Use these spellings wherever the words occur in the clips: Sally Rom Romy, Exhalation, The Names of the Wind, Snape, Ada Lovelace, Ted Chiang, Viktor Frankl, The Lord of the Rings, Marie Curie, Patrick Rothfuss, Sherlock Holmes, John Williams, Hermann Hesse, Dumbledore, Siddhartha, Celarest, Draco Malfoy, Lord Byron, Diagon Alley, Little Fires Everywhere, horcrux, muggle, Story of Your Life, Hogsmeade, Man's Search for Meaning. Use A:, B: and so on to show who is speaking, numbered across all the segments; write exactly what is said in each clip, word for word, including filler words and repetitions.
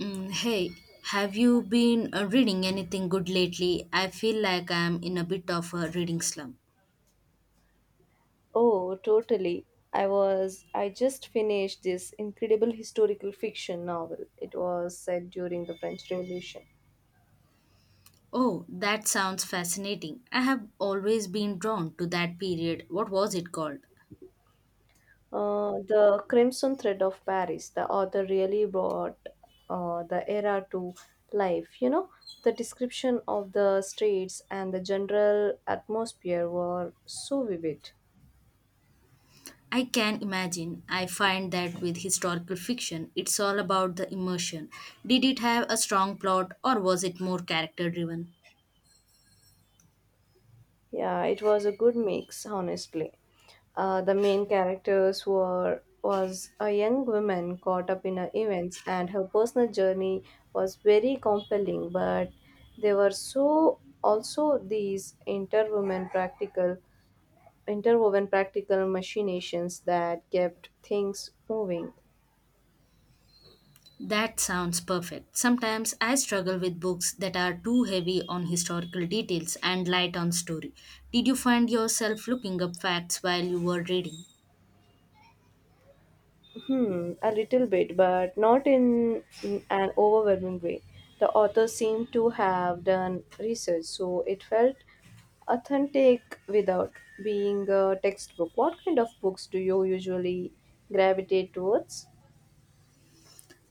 A: Mm, hey, have you been uh, reading anything good lately? I feel like I'm in a bit of a reading slump.
B: Oh, totally. I was I just finished this incredible historical fiction novel. It was set during the French Revolution.
A: Oh, that sounds fascinating. I have always been drawn to that period. What was it called?
B: Uh, the Crimson Thread of Paris. The author really brought uh, the era to life. You know, the description of the streets and the general atmosphere were so vivid.
A: I can imagine. I find that with historical fiction, it's all about the immersion. Did it have a strong plot or was it more character driven?
B: Yeah, it was a good mix, honestly. Uh, the main characters were was a young woman caught up in her events, and her personal journey was very compelling. But there were so also these interwoven practical interwoven practical machinations that kept things moving.
A: That sounds perfect. Sometimes I struggle with books that are too heavy on historical details and light on story. Did you find yourself looking up facts while you were reading?
B: Hmm, a little bit, but not in an overwhelming way. The author seemed to have done research, so it felt authentic without being a textbook. What kind of books do you usually gravitate towards?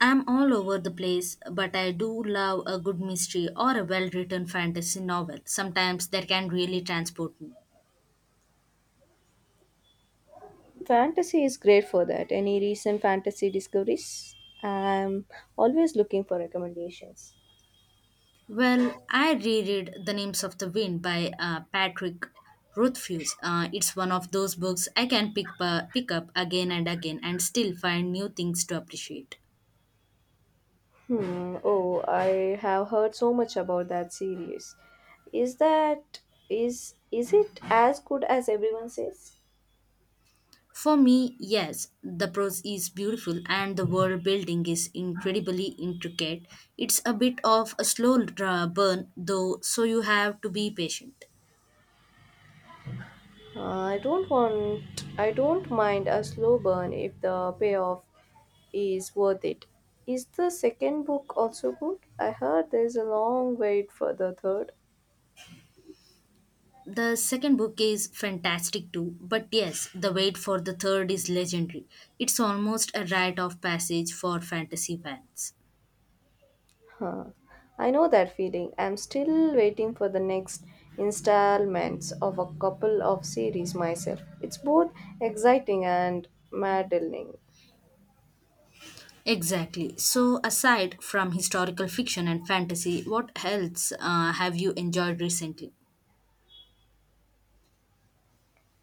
A: I'm all over the place, but I do love a good mystery or a well written fantasy novel. Sometimes that can really transport me.
B: Fantasy is great for that. Any recent fantasy discoveries? I'm always looking for recommendations.
A: Well, I reread The Names of the Wind by uh, Patrick Rothfuss. Uh, it's one of those books I can pick, pa pick up again and again and still find new things to appreciate.
B: Hmm. Oh, I have heard so much about that series. Is that is is it as good as everyone says?
A: For me, yes, the prose is beautiful and the world building is incredibly intricate. It's a bit of a slow dra- burn, though, so you have to be patient.
B: Uh, I don't want. I don't mind a slow burn if the payoff is worth it. Is the second book also good? I heard there's a long wait for the third.
A: The second book is fantastic too, but yes, the wait for the third is legendary. It's almost a rite of passage for fantasy fans.
B: Huh. I know that feeling. I'm still waiting for the next installments of a couple of series myself. It's both exciting and maddening.
A: Exactly. So, aside from historical fiction and fantasy, what else uh, have you enjoyed recently?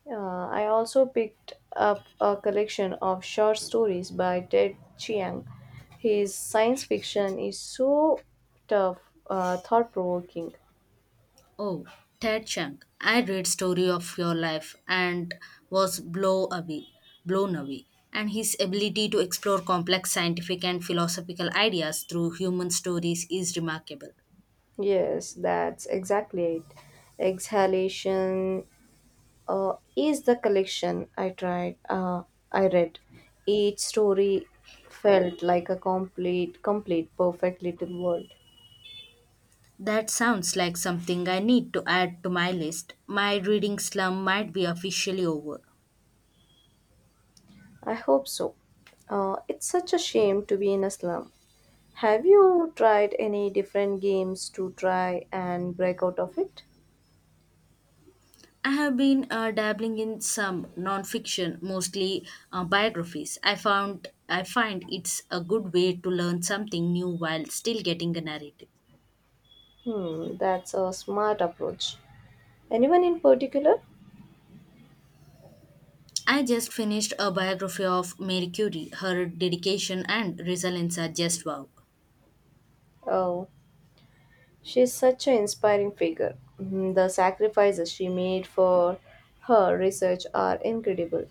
B: Uh, I also picked up a collection of short stories by Ted Chiang. His science fiction is so tough, uh, thought provoking.
A: Oh, Ted Chiang, I read Story of Your Life and was blow away, blown away. And his ability to explore complex scientific and philosophical ideas through human stories is remarkable.
B: Yes, that's exactly it. Exhalation uh, is the collection I tried. Uh, I read Each story felt like a complete, complete, perfect little world.
A: That sounds like something I need to add to my list. My reading slump might be officially over.
B: I hope so. Uh, it's such a shame to be in a slum. Have you tried any different games to try and break out of it?
A: I have been uh, dabbling in some non-fiction, mostly uh, biographies. I found I find it's a good way to learn something new while still getting a narrative.
B: Hmm, that's a smart approach. Anyone in particular?
A: I just finished a biography of Marie Curie. Her dedication and resilience are just wow.
B: Oh. She's such an inspiring figure. Mm. The sacrifices she made for her research are incredible.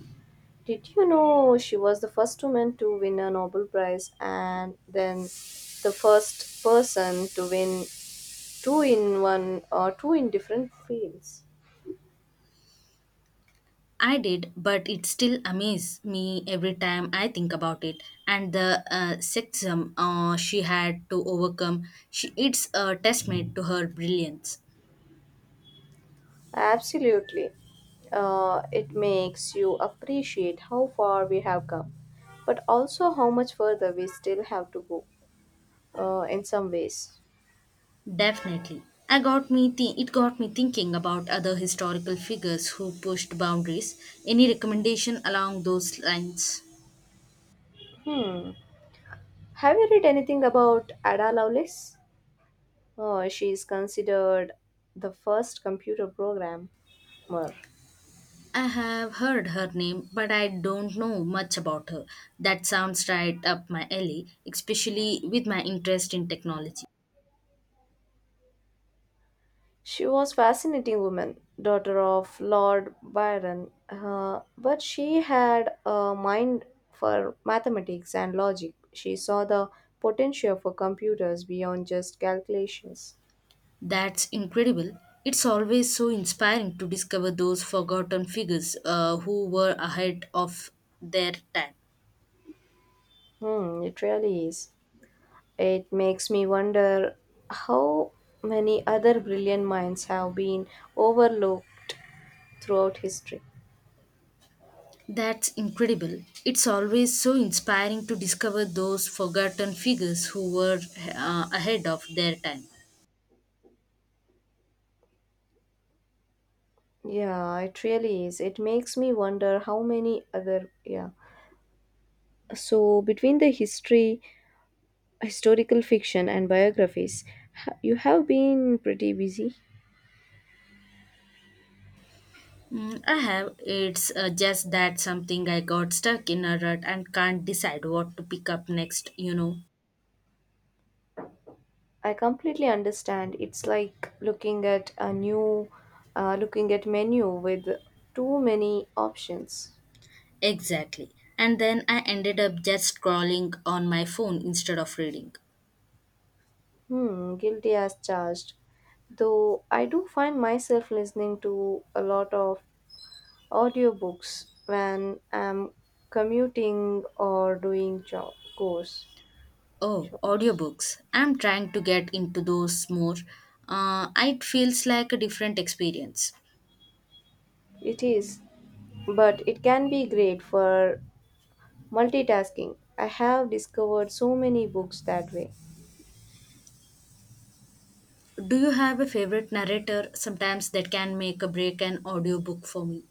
B: Did you know she was the first woman to win a Nobel Prize and then the first person to win two in one or two in different fields?
A: I did, but it still amazes me every time I think about it. And the uh, sexism uh, she had to overcome, she, it's a testament to her brilliance.
B: Absolutely. Uh, it makes you appreciate how far we have come, but also how much further we still have to go uh, in some ways.
A: Definitely. I got me thi- It got me thinking about other historical figures who pushed boundaries. Any recommendation along those lines?
B: Hmm. Have you read anything about Ada Lovelace? Oh, she is considered the first computer programmer.
A: I have heard her name, but I don't know much about her. That sounds right up my alley, especially with my interest in technology.
B: She was fascinating woman, daughter of Lord Byron, uh, but she had a mind for mathematics and logic. She saw the potential for computers beyond just calculations.
A: That's incredible. It's always so inspiring to discover those forgotten figures uh, who were ahead of their time.
B: Hmm, it really is. It makes me wonder how many other brilliant minds have been overlooked throughout history.
A: That's incredible. It's always so inspiring to discover those forgotten figures who were uh, ahead of their time.
B: Yeah, it really is. It makes me wonder how many other yeah. So between the history, historical fiction and biographies, ha- you have been pretty busy.
A: Mm, I have. It's uh, just that something I got stuck in a rut and can't decide what to pick up next, you know.
B: I completely understand. It's like looking at a new uh, looking at menu with too many options.
A: Exactly. And then I ended up just scrolling on my phone instead of reading.
B: Hmm, guilty as charged. Though I do find myself listening to a lot of Audiobooks when I'm commuting or doing job chores.
A: Oh,
B: chores.
A: audiobooks. I'm trying to get into those more. Uh, it feels like a different experience.
B: It is, but it can be great for multitasking. I have discovered so many books that way.
A: Do you have a favorite narrator sometimes that can make a break an audiobook for me?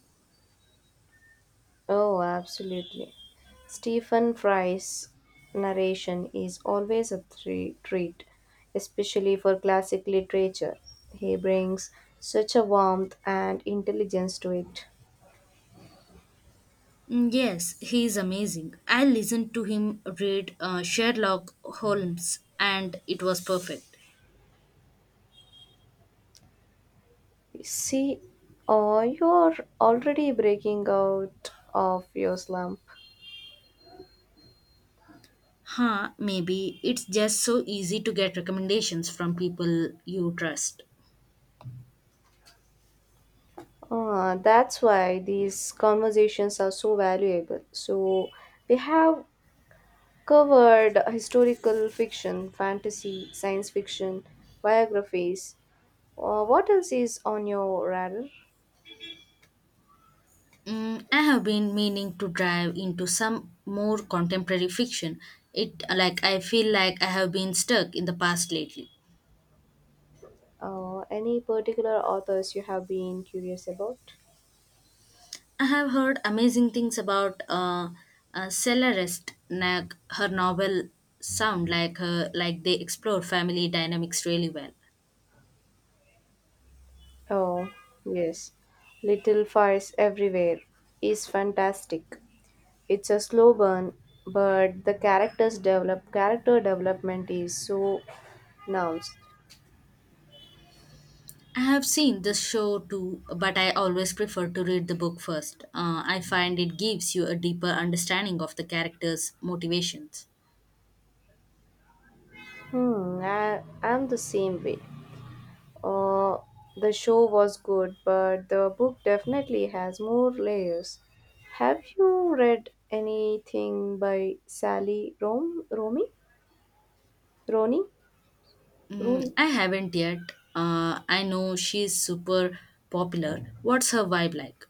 B: Oh, absolutely. Stephen Fry's narration is always a thre- treat, especially for classic literature. He brings such a warmth and intelligence to it.
A: Mm, yes, he is amazing. I listened to him read uh, Sherlock Holmes and it was perfect.
B: See, uh, you're already breaking out of your slump.
A: Huh, maybe it's just so easy to get recommendations from people you trust.
B: Uh, that's why these conversations are so valuable. So, we have covered historical fiction, fantasy, science fiction, biographies. Uh, what else is on your radar?
A: Mm, I have been meaning to dive into some more contemporary fiction. It like I feel like I have been stuck in the past lately.
B: Uh, any particular authors you have been curious about?
A: I have heard amazing things about uh, uh, Celarest. Like her novel sound like her like they explore family dynamics really well.
B: Oh, yes. Little Fires Everywhere is fantastic. It's a slow burn, but the characters develop character development is so pronounced.
A: I have seen the show too, but I always prefer to read the book first. Uh, I find it gives you a deeper understanding of the characters' motivations.
B: Hmm, I am the same way. Uh, the show was good, but the book definitely has more layers. Have you read anything by Sally Rom Romy? Roni?
A: Mm,
B: Rooney?
A: I haven't yet. Uh, I know she's super popular. What's her vibe like?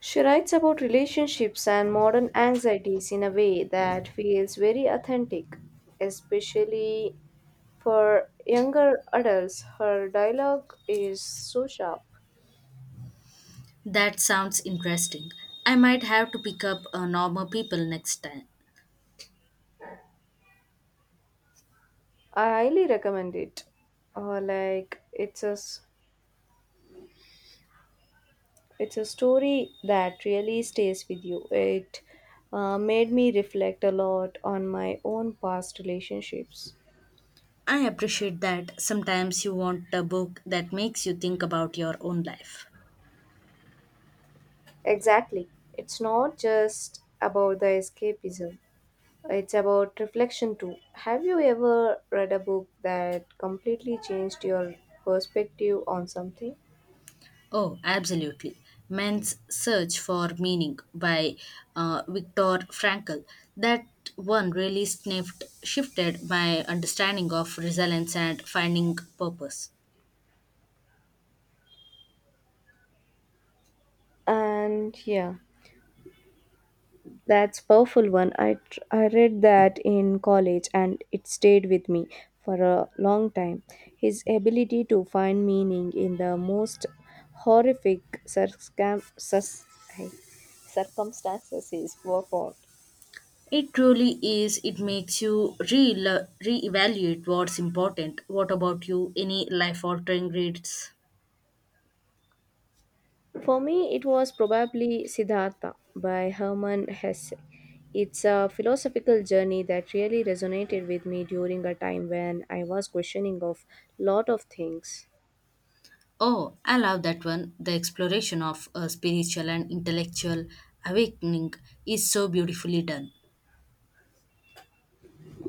B: She writes about relationships and modern anxieties in a way that feels very authentic, especially for younger adults. Her dialogue is so sharp.
A: That sounds interesting. I might have to pick up uh, normal people next time.
B: I highly recommend it. Uh, like it's a s- it's a story that really stays with you. It uh, made me reflect a lot on my own past relationships.
A: I appreciate that sometimes you want a book that makes you think about your own life.
B: Exactly. It's not just about the escapism. It's about reflection too. Have you ever read a book that completely changed your perspective on something?
A: Oh, absolutely. Man's Search for Meaning by uh, Viktor Frankl. That one really sniffed, shifted my understanding of resilience and finding purpose.
B: And yeah, that's powerful one. I tr- I read that in college and it stayed with me for a long time. His ability to find meaning in the most horrific circum- sus- hey, circumstances is profound.
A: It truly is. It makes you re reevaluate what's important. What about you? Any life altering reads?
B: For me, it was probably Siddhartha by Hermann Hesse. It's a philosophical journey that really resonated with me during a time when I was questioning of lot of things.
A: Oh, I love that one. The exploration of a spiritual and intellectual awakening is so beautifully done.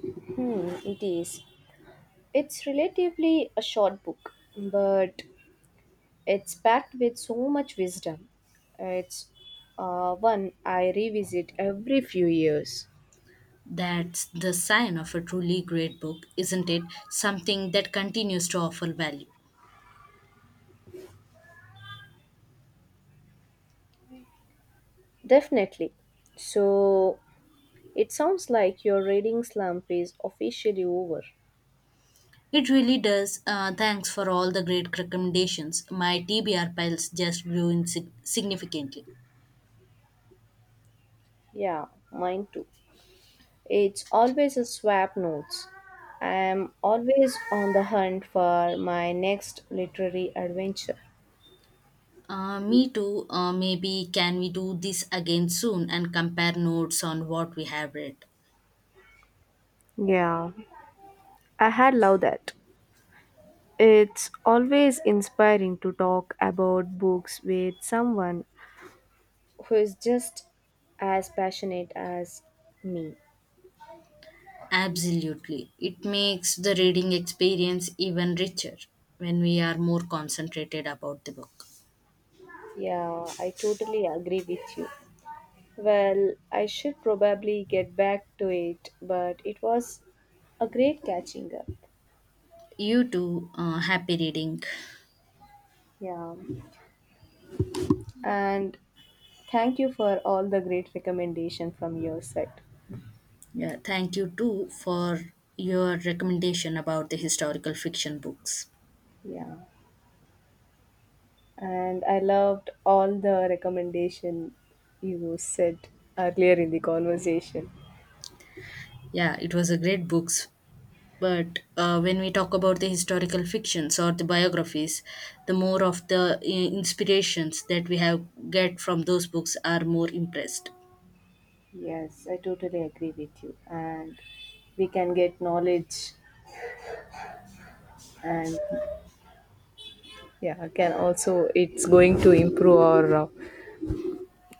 B: Hmm, it is. It's relatively a short book, but it's packed with so much wisdom. It's uh, one I revisit every few years.
A: That's the sign of a truly great book, isn't it? Something that continues to offer value.
B: Definitely. So it sounds like your reading slump is officially over.
A: It really does. Uh, thanks for all the great recommendations. My T B R piles just grew in sig- significantly.
B: Yeah, mine too. It's always a swap notes. I am always on the hunt for my next literary adventure.
A: Uh, me too. Uh, maybe can we do this again soon and compare notes on what we have read?
B: Yeah, I had loved that. It's always inspiring to talk about books with someone. Who is just as passionate as me?
A: Absolutely. It makes the reading experience even richer when we are more concentrated about the book.
B: Yeah, I totally agree with you. Well, I should probably get back to it, but it was a great catching up.
A: You too, uh, happy reading.
B: Yeah, and thank you for all the great recommendation from your side.
A: Yeah, thank you too for your recommendation about the historical fiction books.
B: Yeah, and I loved all the recommendation you said earlier in the conversation.
A: Yeah, it was a great books. But uh, when we talk about the historical fictions or the biographies, the more of the i- inspirations that we have get from those books are more impressed.
B: Yes, I totally agree with you, and we can get knowledge, and yeah, can also it's going to improve our uh,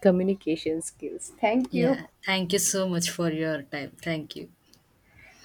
B: communication skills. Thank you.
A: Yeah, thank you so much for your time. Thank you.